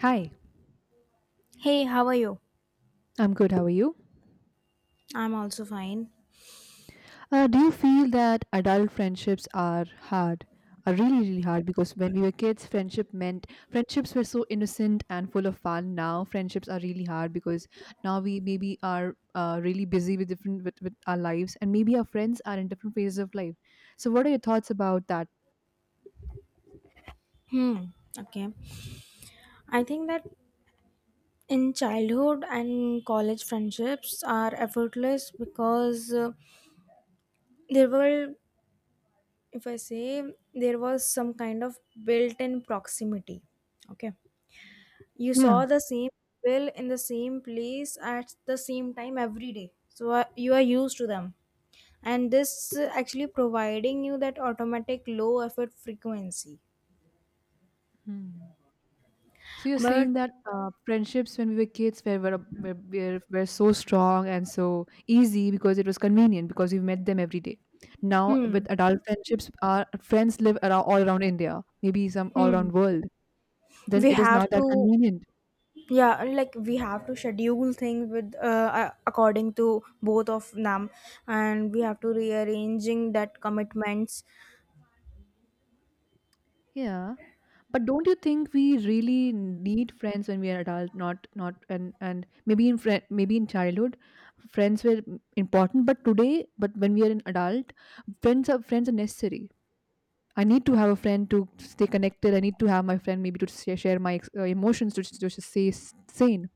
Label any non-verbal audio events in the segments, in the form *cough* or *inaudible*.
Hi, Hey, how are you? I'm good. How are you? I'm also fine. Do you feel that adult friendships are hard? Are really hard because when we were kids, friendship meant friendships were so innocent and full of fun. Now, friendships are really hard because now we maybe are really busy with with our lives, and maybe our friends are in different phases of life. So, what are your thoughts about that? Hmm. Okay. I think that in childhood and college friendships are effortless because there were, if I say, there was some kind of built in proximity. Okay. You Yeah. saw the same people in the same place at the same time every day. So you are used to them. And this actually providing you that automatic low effort frequency. Hmm. So you're saying But, that friendships when we were kids were so strong and so easy because it was convenient because we met them every day. Now hmm. with adult friendships, our friends live around, all around India, maybe some all Hmm. around world. Then we it is have not that to convenient. Yeah, like we have to schedule things with according to both of them, and we have to rearranging that commitments. Yeah. But don't you think we really need friends when we are adult? Not, not, and Maybe maybe in childhood, friends were important. But today, but when we are an adult, friends are necessary. I need to have a friend to stay connected. I need to have my friend maybe to share my emotions to just stay sane.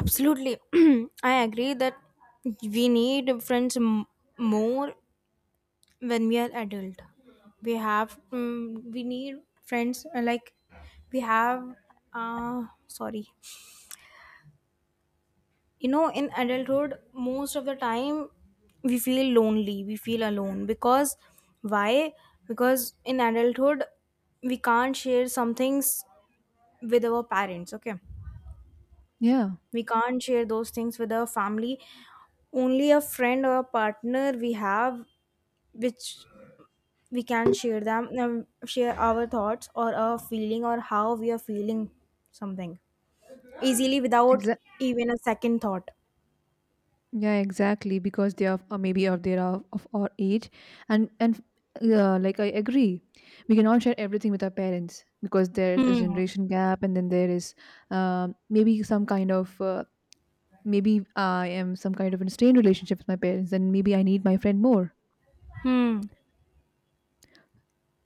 Absolutely. *clears throat* I agree that we need friends more when we are adult. We have we need friends like, we have sorry you know, in adulthood most of the time we feel lonely, we feel alone because why? Because in adulthood we can't share some things with our parents. Okay. Yeah. We can't share those things with our family. Only a friend or a partner we have, which we can share our thoughts or our feeling or how we are feeling something easily without Exactly. even a second thought. Yeah, exactly. Because they are or maybe of they are of our age, and yeah, like I agree, we cannot share everything with our parents because there's a Hmm. generation gap, and then there is maybe some kind of maybe I am some kind of in a strained relationship with my parents, and maybe I need my friend more. Hmm.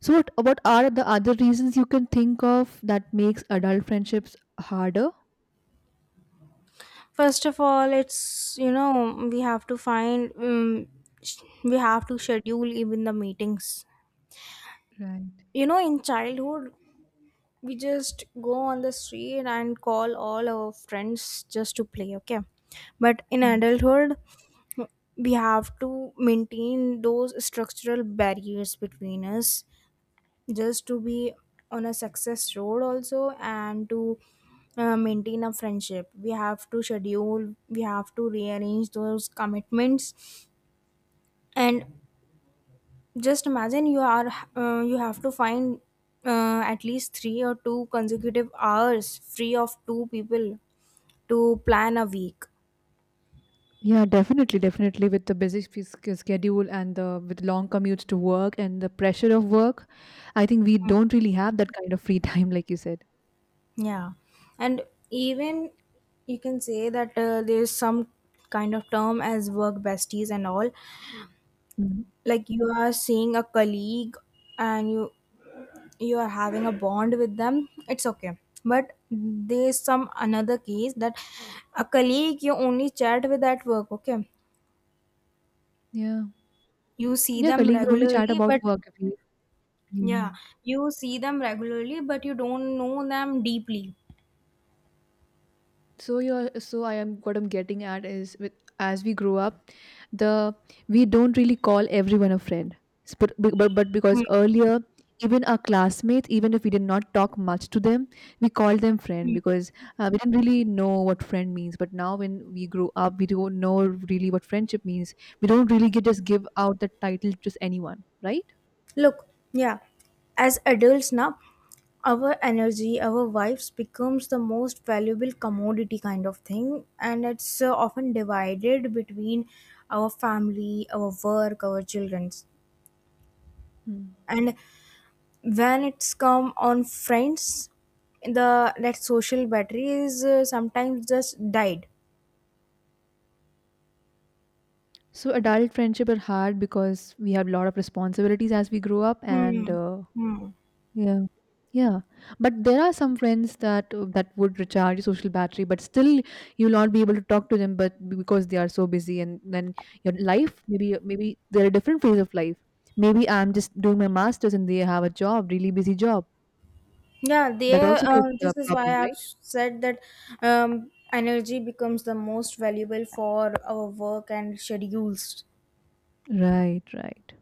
So what are the other reasons you can think of that makes adult friendships harder? First of all, it's you know we have to schedule even the meetings. Right. You know, in childhood, we just go on the street and call all our friends just to play. Okay, but in adulthood, we have to maintain those structural barriers between us just to be on a success road also, and to maintain a friendship, we have to schedule, we have to rearrange those commitments. And just imagine, you have to find at least 3 or 2 consecutive hours free of two people to plan a week. Yeah, definitely. With the busy schedule and the with long commutes to work and the pressure of work, I think we don't really have that kind of free *laughs* time, like you said. Yeah, and even you can say that there's some kind of term as work besties and all, Mhm. like you are seeing a colleague, and you are having a bond with them, it's okay. But there's some another case that a colleague you only chat with at work. Okay, Yeah, you see yeah, them colleague. We only chat regularly but about work. If we, yeah. yeah, you see them regularly but you don't know them deeply. so you're so I am what I'm getting at is with as we grow up the we don't really call everyone a friend. S- but be- but Because Hmm. earlier, even our classmates, even if we did not talk much to them, we called them friend because we didn't really know what friend means. But now when we grow up we don't know really what friendship means. We don't really get just give out the title to just anyone, right? Look, yeah, as adults now, our energy, our wives becomes the most valuable commodity kind of thing, and it's often divided between our family, our work, our children's. Hmm. And when it's come on friends, the that social battery is sometimes just died. So adult friendship are hard because we have a lot of responsibilities as we grow up, and Hmm. Hmm. yeah. Yeah. But there are some friends that that would recharge your social battery, but still you'll not be able to talk to them but because they are so busy, and then your life maybe they're a different phase of life. Maybe I'm just doing my masters and they have a job, really busy job. Yeah, they. That also creates a This is problem, why I've right? said that energy becomes the most valuable for our work and schedules. Right, right.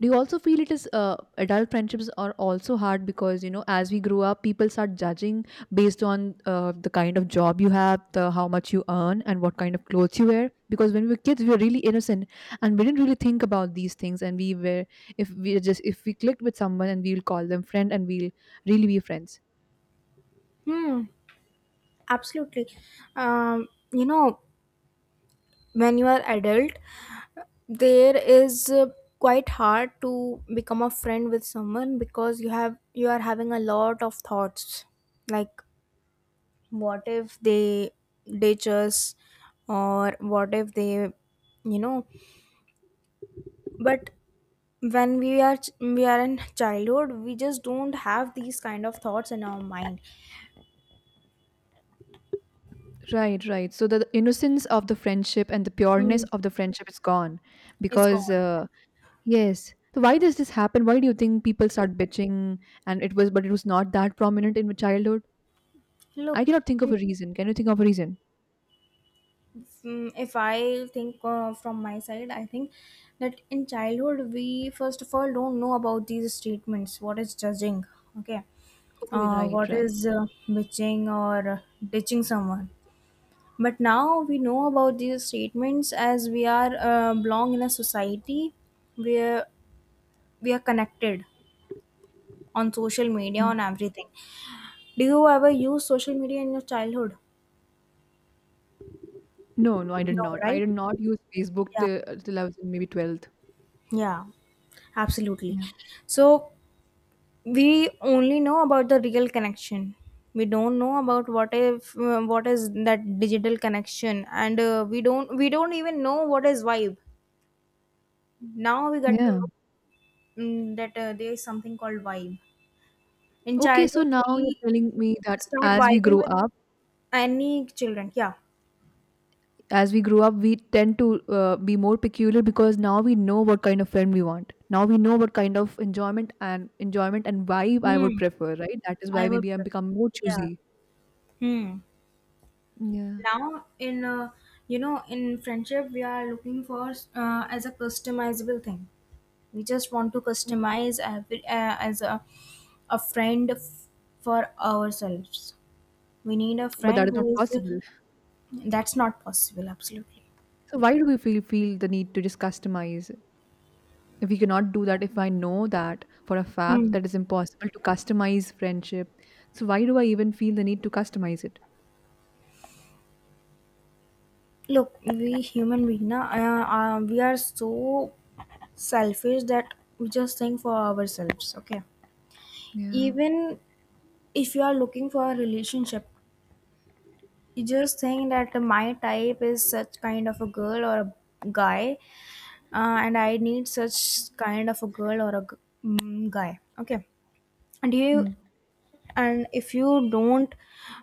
Do you also feel it is adult friendships are also hard because, you know, as we grow up people start judging based on the kind of job you have, the how much you earn and what kind of clothes you wear? Because when we were kids we were really innocent and we didn't really think about these things, and we were, if we just, if we clicked with someone and we'll call them friend and we'll really be friends. Hmm. Absolutely. You know, when you are adult, there is quite hard to become a friend with someone because you are having a lot of thoughts. Like, what if they ditch us, or what if they, you know, but when we are we are in childhood, we just don't have these kind of thoughts in our mind. Right, right. So the innocence of the friendship and the pureness Hmm, of the friendship is gone it's because gone. Yes. So why does this happen? Why do you think people start bitching and it was but it was not that prominent in my childhood? I Look, cannot think of in- a reason. Can you think of a reason? If I think from my side, I think that in childhood we first of all don't know about these statements, what is judging. Okay. Oh, right, What right. is bitching or ditching someone. But now we know about these statements as we are belong in a society where we are connected on social media, Mm. on everything. Do you ever use social media in your childhood? No, no, I did No, not. I right? did not use Facebook Yeah. Till I was in maybe 12th. Yeah, absolutely. Yeah. So we only know about the real connection. We don't know about what if what is that digital connection, and we don't even know what is vibe. Now we got to Yeah. know that there is something called vibe. In Okay, so childhood, now you're we telling me that start as we vibing grow with up, any children. Yeah. as we grow up, we tend to be more peculiar because now we know what kind of film we want. Now we know what kind of enjoyment and vibe I Hmm. would prefer, right? That is why I would. maybe I'm become more Yeah. choosy. Hmm. Yeah. Now in you know, in friendship we are looking for as a customizable thing. We just want to customize every, a friend for ourselves. We need a But that friend is not who is possible. that's not possible absolutely. So why do we feel the need to just customize? If we cannot do that, if I know that for a fact Hmm. that it's impossible to customize friendship, so why do I even feel the need to customize it? Look, we human being na, we are so selfish that we just think for ourselves. Okay, Yeah. even if you are looking for a relationship, you just think that my type is such kind of a girl or a guy, and I need such kind of a girl or a guy. Okay, and you, Hmm. and if you don't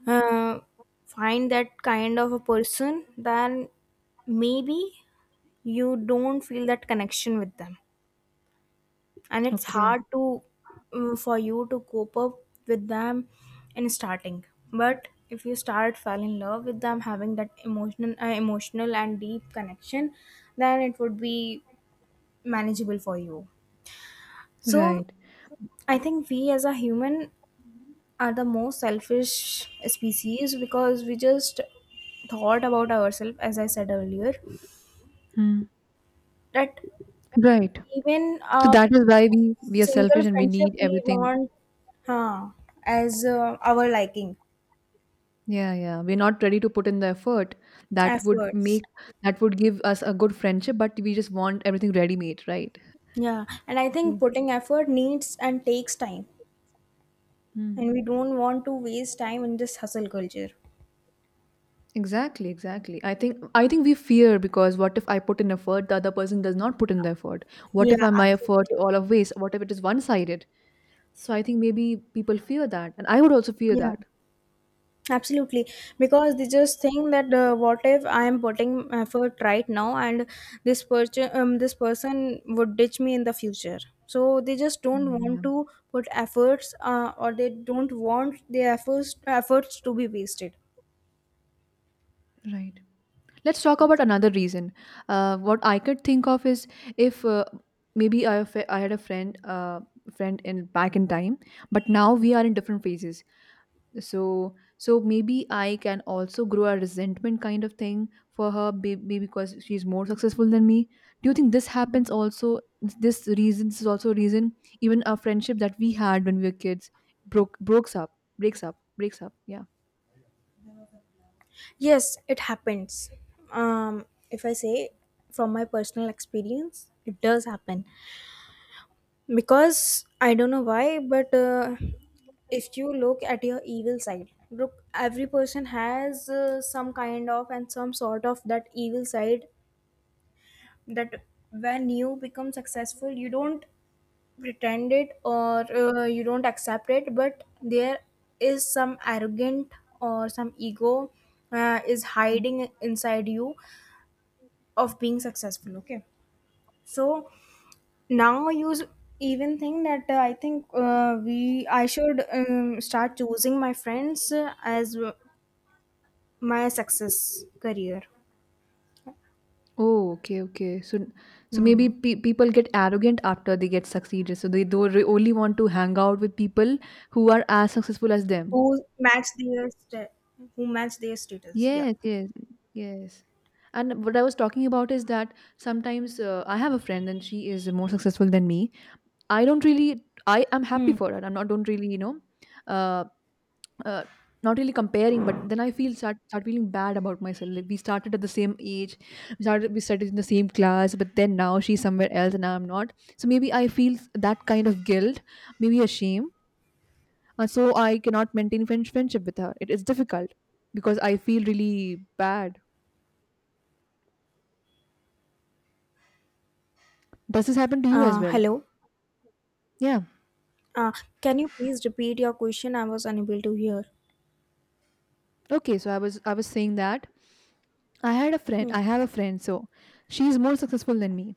uh, find that kind of a person, then maybe you don't feel that connection with them, and it's Okay. hard to for you to cope up with them in starting. But if you start fall in love with them having that emotional and deep connection, then it would be manageable for you. So Right. I think we as a human are the most selfish species because we just thought about ourselves, as I said earlier, Hmm. that Right. even So a that is why we are single selfish and we friendship need we everything. want, huh, as our liking. Yeah, yeah. We're not ready to put in the effort that would Efforts. make that would give us a good friendship, but we just want everything ready made, right? Yeah. And I Yeah. think putting effort needs and takes time. Hmm. And we don't want to waste time in this hustle culture. Exactly, exactly. I think we fear because what if I put in effort, the other person does not put in the effort? What Yeah, if I my effort absolutely. all of waste? What if it is one sided? So I think maybe people fear that. And I would also fear Yeah, that. absolutely. Because they just think that what if I am putting effort right now, and this person would ditch me in the future. So they just don't Mm, yeah. want to put efforts or they don't want their efforts to be wasted. Right. Let's talk about another reason. What I could think of is if maybe I had a friend, in back in time, but now we are in different phases. So maybe I can also grow a resentment kind of thing for her, maybe because she's more successful than me. Do you think this happens also? This is also a reason. Even a friendship that we had when we were kids broke breaks up, breaks up. Yeah. Yes, it happens. If I say from my personal experience, it does happen because I don't know why, but if you look at your evil side, look, every person has some kind of and some sort of that evil side that when you become successful, you don't pretend it or you don't accept it, but there is some arrogant or some ego is hiding inside you of being successful. Okay, so now you even think that I think we I should start choosing my friends my success career. Oh, okay, okay. So, so maybe Hmm. People get arrogant after they get succeeded. So they do only want to hang out with people who are as successful as them. who match their sta- who match their status, yeah. Yes, yes, yes. And what I was talking about is that sometimes I have a friend and she is more successful than me. I don't really. I am happy Hmm. for her. I'm not. Don't really. You know. Uh, uh, not really comparing, but then I feel start feeling bad about myself. Like we started at the same age, we studied in the same class, but then now she's somewhere else and I'm not. So maybe I feel that kind of guilt, maybe a shame, and so I cannot maintain friendship with her. It is difficult because I feel really bad. Does this happen to you as well? Hello. Yeah. uh, can you please repeat your question, I was unable to hear. Okay. So I was saying that I had a friend. I Hmm. have a friend. So she's more successful than me.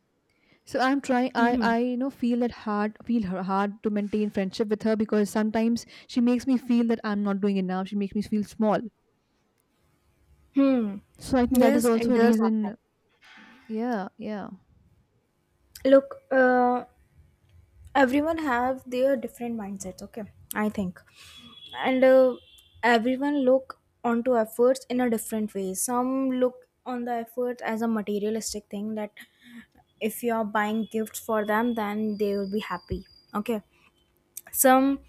So I'm trying. Hmm. I you know, feel that hard. Feel her hard to maintain friendship with her because sometimes she makes me feel that I'm not doing enough. She makes me feel small. Hmm. So I think that is Yes, it also a does happen. reason. Yeah, yeah. Look, everyone have their different mindsets. Okay, I think, and everyone look onto efforts in a different way. Some look on the effort as a materialistic thing that if you are buying gifts for them, then they will be happy. Okay, some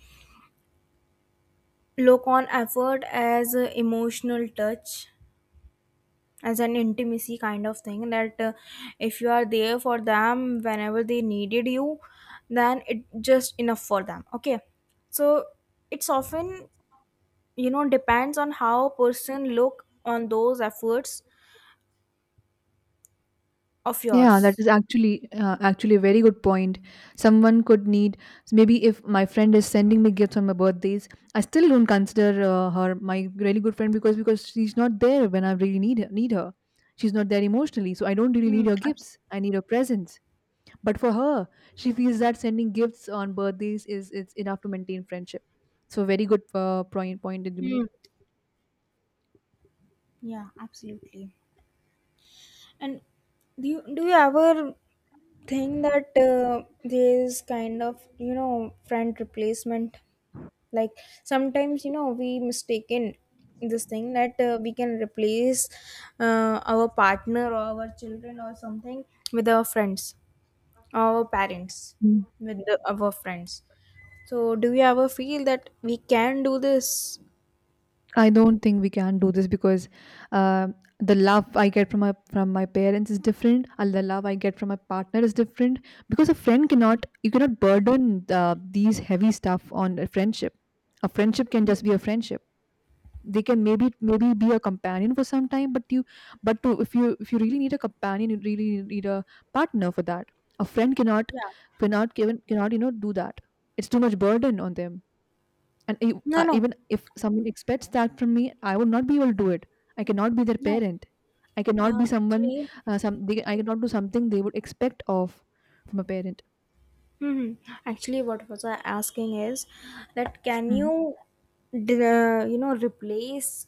look on effort as a emotional touch, as an intimacy kind of thing, that if you are there for them whenever they needed you, then it just enough for them. Okay, so it's often you know depends on how person look on those efforts of Yeah, that yours. is actually actually a very good point. Someone could need maybe if my friend is sending me gifts on my birthdays, I still don't consider her my really good friend because she's not there when I really need need her. She's not there emotionally, so I don't really hmm, need her abs- gifts. I need her presence. But for her, she feels that sending gifts on birthdays is it's enough to maintain friendship. So very good point that you hmm. Yeah, absolutely. And do you ever think that there is kind of you know friend replacement, like sometimes you know we mistaken this thing that we can replace our partner or our children or something with our friends, our parents made. with the, our friends. So do you ever feel that we can do this? I don't think we can do this because uh, the love I get from my parents is different, and the love I get from my partner is different. Because a friend cannot you cannot burden these heavy stuff on a friendship. A friendship can just be a friendship. They can maybe be a companion for some time, but you but to, if you really need a companion, you really need a partner for that. A friend cannot Yeah. cannot given cannot, you know, do that. It's too much burden on them, and No, no. even if someone expects that from me, I would not be able to do it. I cannot be their No, parent. I cannot be someone actually. I cannot do something they would expect of from a parent. Hmm. Actually, what was I asking is that can Hmm. you, you know, replace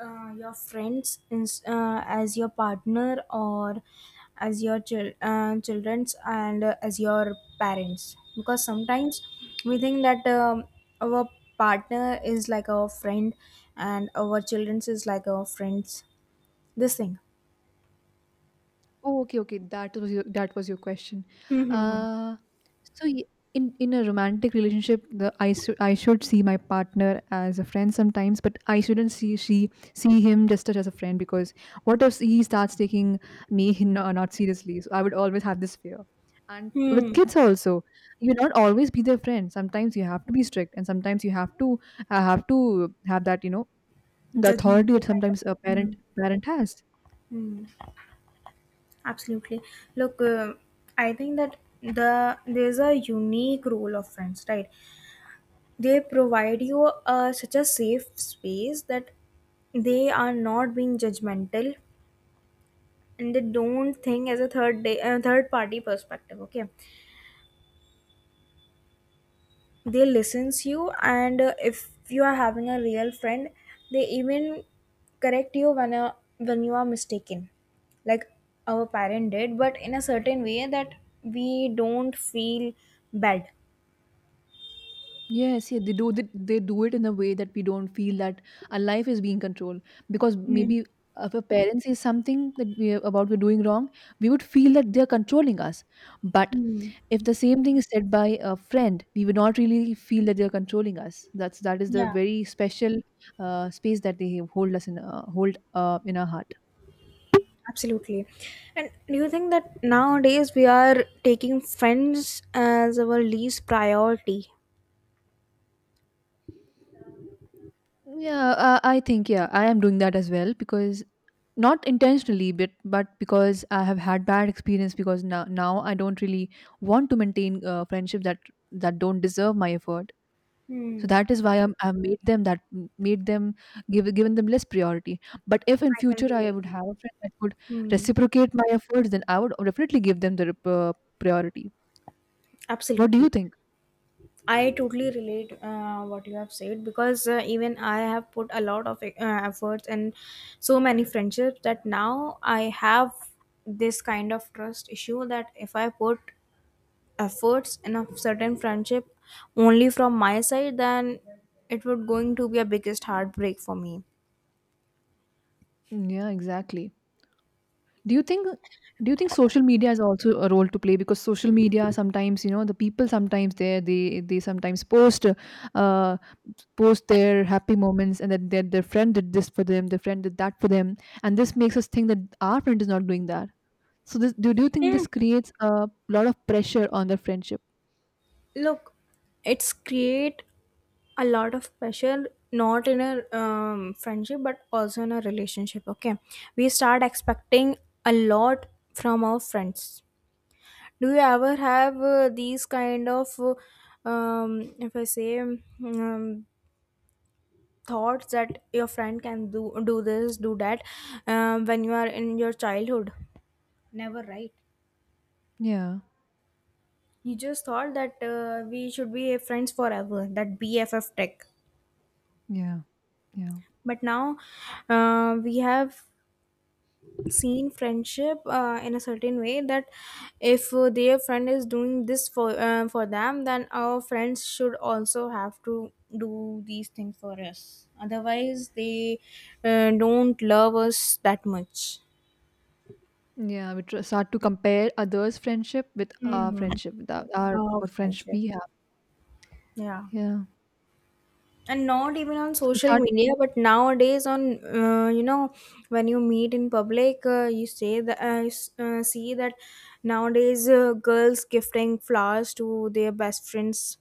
your friends in, as your partner or as your childrens and as your parents? Because sometimes we think that our partner is like our friend, and our childrens is like our friends. This thing. Oh, okay, okay. That was your question. Hmm. Hmm. Hmm. Uh, so y- in a romantic relationship, the I should see my partner as a friend sometimes, but I shouldn't see she see him just as a friend because what if he starts taking me *laughs* in, not seriously? So I would always have this fear. And with Hmm. kids also, you not always be their friend. Sometimes you have to be strict, and sometimes you have to have to have that, you know, the authority Judgmental that kind of. sometimes a Hmm. parent has. Hmm. Absolutely. Look, I think that there's a unique role of friends, right? They provide you such a safe space that they are not being judgmental, and they don't think as a third day, third party perspective. Okay, they listens you, and if you are having a real friend, they even correct you when you are mistaken, like our parent did, but in a certain way that we don't feel bad. Yes, yeah, they do. They do it in a way that we don't feel that our life is being controlled. Because Mm. maybe if a parent says something that we're doing wrong, we would feel that they're controlling us. But Mm. if the same thing is said by a friend, we would not really feel that they're controlling us. That is the Yeah, very special space that they hold us in, hold in our heart. absolutely. And do you think that nowadays we are taking friends as our least priority? Yeah, I think, yeah, I am doing that as well because not intentionally, but because I have had bad experience, because now I don't really want to maintain friendships that don't deserve my effort. So Hmm. that is why I've made them give given them less priority. But if in I can future I relate. would have a friend that would Hmm. reciprocate my efforts, then I would definitely give them the priority. What do you Absolutely. think? I totally relate what you have said because even I have put a lot of efforts and so many friendships that now I have this kind of trust issue that if I put efforts in a certain friendship only from my side, then it would going to be a biggest heartbreak for me. Yeah, exactly. Do you think do you think social media has also a role to play? Because social media sometimes, the people sometimes there they sometimes uh post their happy moments, and that their friend did this for them, their friend did that for them, and this makes us think that our friend is not doing that. So do you think Hmm. this creates a lot of pressure on the friendship? Look, it's create a lot of pressure not in a friendship but also in a relationship. Okay, we start expecting a lot from our friends. Do you ever have these kind of if I say thoughts that your friend can do this do that when you are in your childhood? Never, right? Yeah, You just thought that we should be friends forever, that BFF tech. yeah, yeah, But now we have seen friendship in a certain way that if their friend is doing this for them then our friends should also have to do these things for us, otherwise they don't love us that much. yeah, we start to compare others friendship with our mm. friendship, with our Oh, what friends friendship. we have. Yeah. Yeah, And not even on so we social start. media but nowadays on uh, you know when you meet in public, you say that see that nowadays girls gifting flowers to their best friends.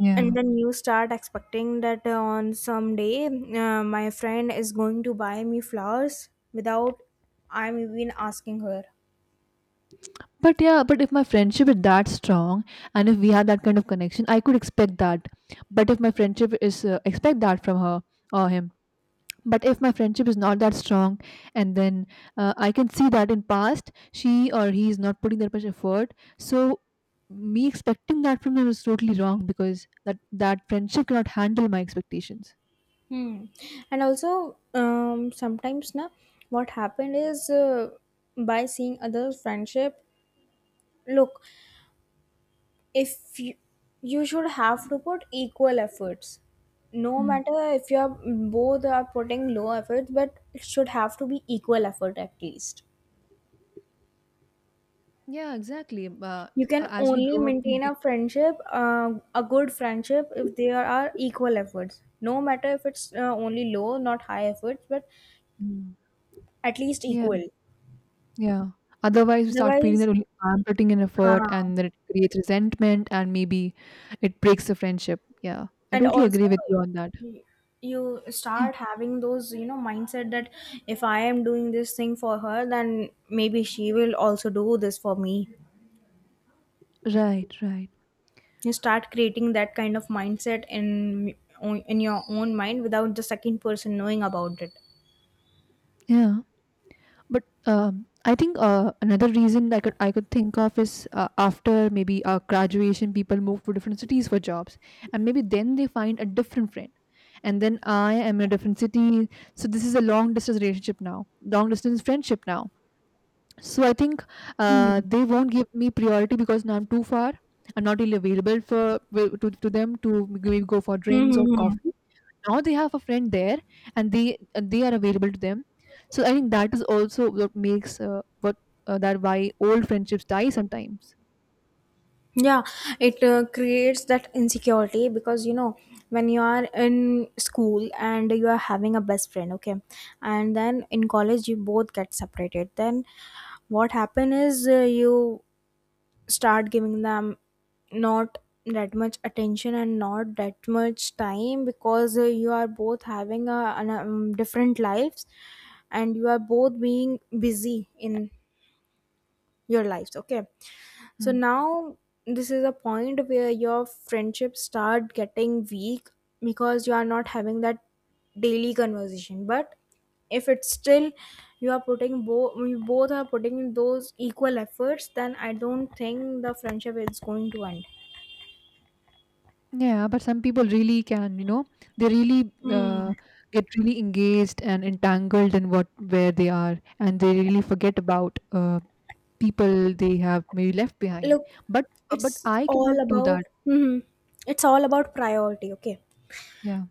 Yeah. And then you start expecting that on some day my friend is going to buy me flowers without I'm even asking her. But yeah, but if my friendship is that strong, and if we have that kind of connection, I could expect that. But if my friendship is expect that from her or him. But if my friendship is not that strong, and then I can see that in past she or he is not putting that much effort. So me expecting that from them is totally wrong, because that friendship cannot handle my expectations. Hmm. And also, sometimes na, what happened is by seeing other friendship. Look, if you should have to put equal efforts, no Hmm. matter if you are both are putting low efforts, but it should have to be equal effort at least. Yeah, exactly. You can As we only grow up, we... maintain a friendship a good friendship if there are equal efforts, no matter if it's only low, not high efforts, but Mm. at least Yeah, equal. yeah. Otherwise, you start feeling that Otherwise only I'm putting in effort, हाँ. and then it creates resentment, and maybe it breaks the friendship. Yeah, I And totally also, agree with you on that. y- you Yeah, start having those, you know, mindset that if I am doing this thing for her then maybe she will also do this for me. right, right. You start creating that kind of mindset in your own mind without the second person knowing about it. Yeah, but I think another reason I could think of is after maybe graduation, people move to different cities for jobs, and maybe then they find a different friend, and then I am in a different city, so this is a long distance relationship now, long distance friendship now. So I think Mm-hmm. they won't give me priority because now I'm too far. I'm not really available for to them to maybe go for drinks or coffee. Now they have a friend there, and they are available to them. So I think that is also what that why old friendships die sometimes. Yeah, it creates that insecurity because, you know, when you are in school and you are having a best friend, okay, and then in college you both get separated. Then what happen is you start giving them not that much attention and not that much time because you are both having different lives and you are both being busy in your lives, okay. So Hmm. now this is a point where your friendships start getting weak because you are not having that daily conversation. But if it's still you are putting both you both are putting in those equal efforts, then I don't think the friendship is going to end. Yeah, but some people really can, you know, they really Hmm. Get really engaged and entangled in what where they are, and they really forget about people they have maybe left behind. Look, But but it's I all cannot do about that. Mhm. it's all about priority. Okay, Yeah,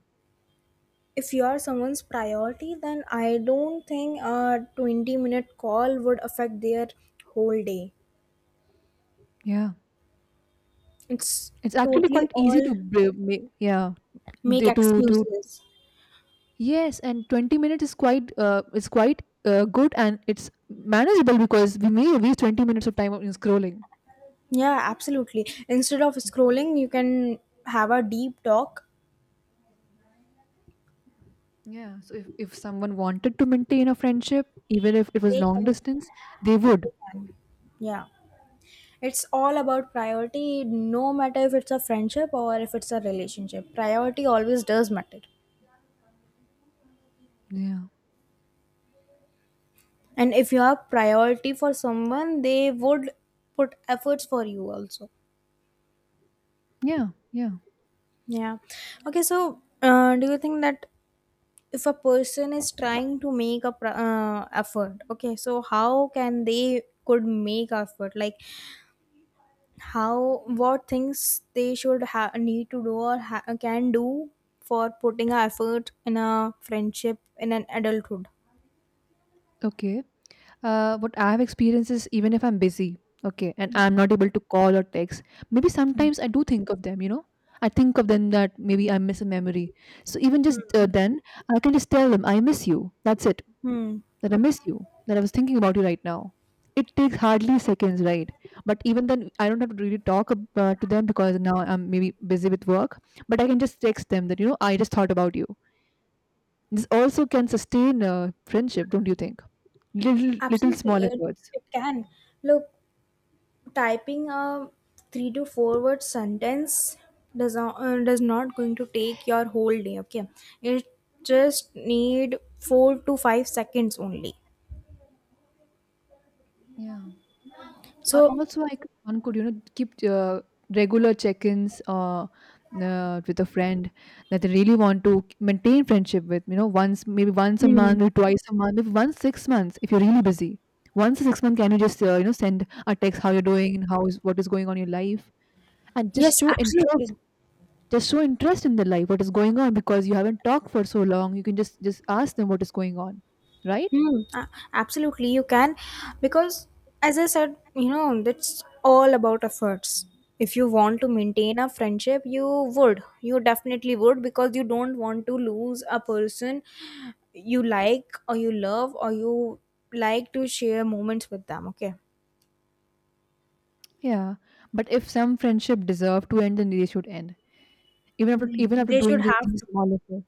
if you are someone's priority, then I don't think a 20 minute call would affect their whole day. yeah, It's it's actually totally quite easy to all yeah, make to excuses. yes, and 20 minutes is quite good, and it's manageable because we may waste 20 minutes of time on scrolling. Yeah, absolutely. Instead of scrolling, you can have a deep talk. Yeah. So if someone wanted to maintain a friendship, even if it was They long can. distance, they They would. can. Yeah. It's all about priority, no matter if it's a friendship or if it's a relationship. Priority always does matter. Yeah. And if you have priority for someone, they would put efforts for you also. Yeah. Yeah. Yeah. Okay, so do you think that if a person is trying to make a effort, okay, so how can they could make effort, like how what things they should need to do or can do for putting a effort in a friendship in an adulthood? Okay. What I've experienced is, even if I'm busy, okay, and I'm not able to call or text, maybe sometimes I do think of them. I think of them that maybe I miss a memory. So even just then, I can just tell them, I miss you. That's it. Hmm. That I miss you, that I was thinking about you right now. It takes hardly seconds, right? But even then, I don't have to really talk to them because now I'm maybe busy with work. But I can just text them that I just thought about you. This also can sustain a friendship, don't you think? Little Absolutely small it, efforts. it can. Look, typing a three to four word sentence does not going to take your whole day, okay. It just need 4 to 5 seconds only. Yeah. So Also, like one could, keep regular check-ins, with a friend that they really want to maintain friendship with. Once maybe once a Hmm. month or twice a month, maybe once 6 months if you're really busy. Once a 6 month, can you just send a text how you're doing, how is what is going on in your life, and yes, absolutely. just show interest in the life, what is going on because you haven't talked for so long. You can just ask them what is going on, right? Hmm, absolutely, you can. Because, as I said, you know, that's all about efforts. If you want to maintain a friendship, you would. You definitely would because you don't want to lose a person you like or you love or you like to share moments with them, okay? Yeah, but if some friendship deserve to end, then they should end. even after even Hmm. after They doing should this have these to. small efforts.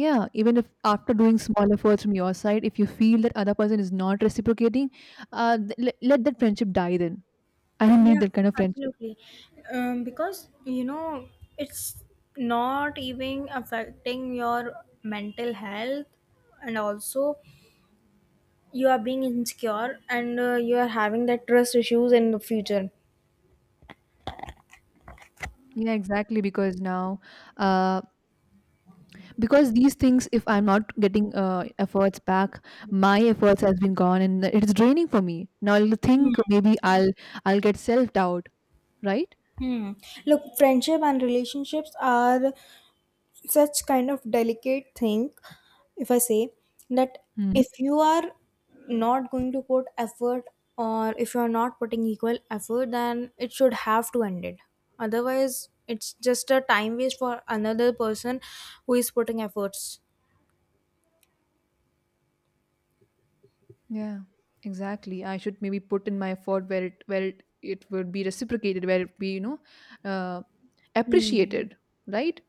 Yeah, even if after doing small efforts from your side, if you feel that other person is not reciprocating, let that friendship die then. I don't need Yeah, that kind of friendship. absolutely. Because, you know, it's not even affecting your mental health. And also you are being insecure and you are having that trust issues in the future. Yeah, exactly, because now, uh because these things, if I'm not getting efforts back, my efforts has been gone, and it is draining for me. Now I'll think maybe I'll get self-doubt, right? Hmm. Look, friendship and relationships are such kind of delicate thing, if I say, that Hmm. if you are not going to put effort or if you are not putting equal effort then it should have to end it. Otherwise it's just a time waste for another person who is putting efforts. Yeah, exactly. I should maybe put in my effort where it would be reciprocated, where it be uh, Hmm. appreciated, right?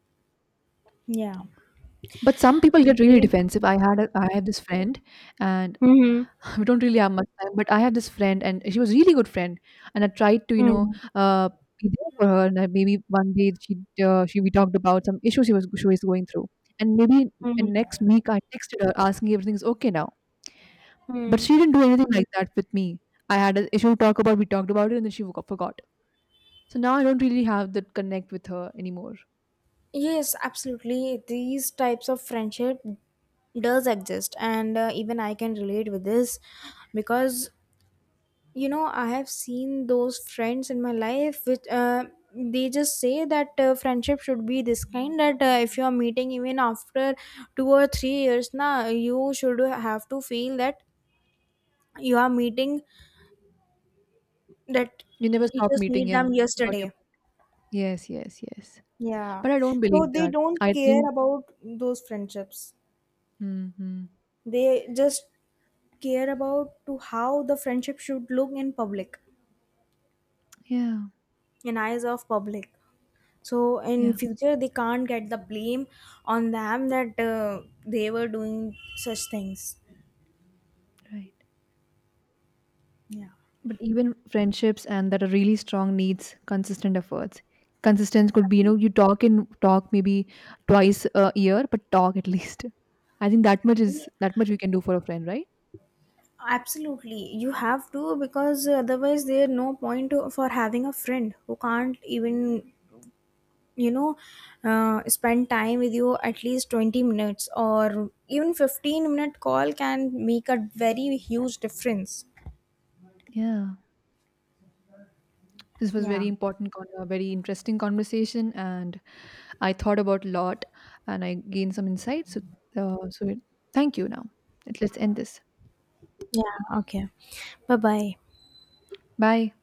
Yeah, But some people get really okay. defensive. I have this friend, and Mm-hmm. *laughs* we don't really have much time. But I had this friend, and she was really good friend, and I tried to. Mm-hmm. Uh, be there for her, and maybe one day she we talked about some issues she was going through. And maybe and next week I texted her asking if everything's okay now. But Mm-hmm. she didn't do anything like that with me. I had an issue to talk about, we talked about it, and then she forgot. So now I don't really have that connect with her anymore. Yes, absolutely. These types of friendship does exist, and even I can relate with this because, you know, I have seen those friends in my life which they just say that friendship should be this kind that if you are meeting even after 2 or 3 years, now you should have to feel that you are meeting that You never you stop just meeting, meet yeah. them Got your... yesterday. Yes, yes, yes. Yeah, But I don't so believe they that. don't I care think, about those friendships, hmm, they just care about to how the friendship should look in public, yeah, in eyes of public, so in yeah, future they can't get the blame on them that they were doing such things. right. Yeah. But even friendships and that are really strong needs consistent efforts. Consistence could be, you talk maybe twice a year, but talk at *laughs* least. I think that much is Ye- that much we can do for a friend, right? absolutely you have to, because otherwise there's no point to, for having a friend who can't even, you know, spend time with you at least 20 minutes or even 15-minute call can make a very huge difference. Yeah. This was very Yeah. important, a very interesting conversation, and I thought about a lot, and I gained some insights. So, uh, so thank you. Now, let's end this. Yeah, okay. Bye bye. Bye.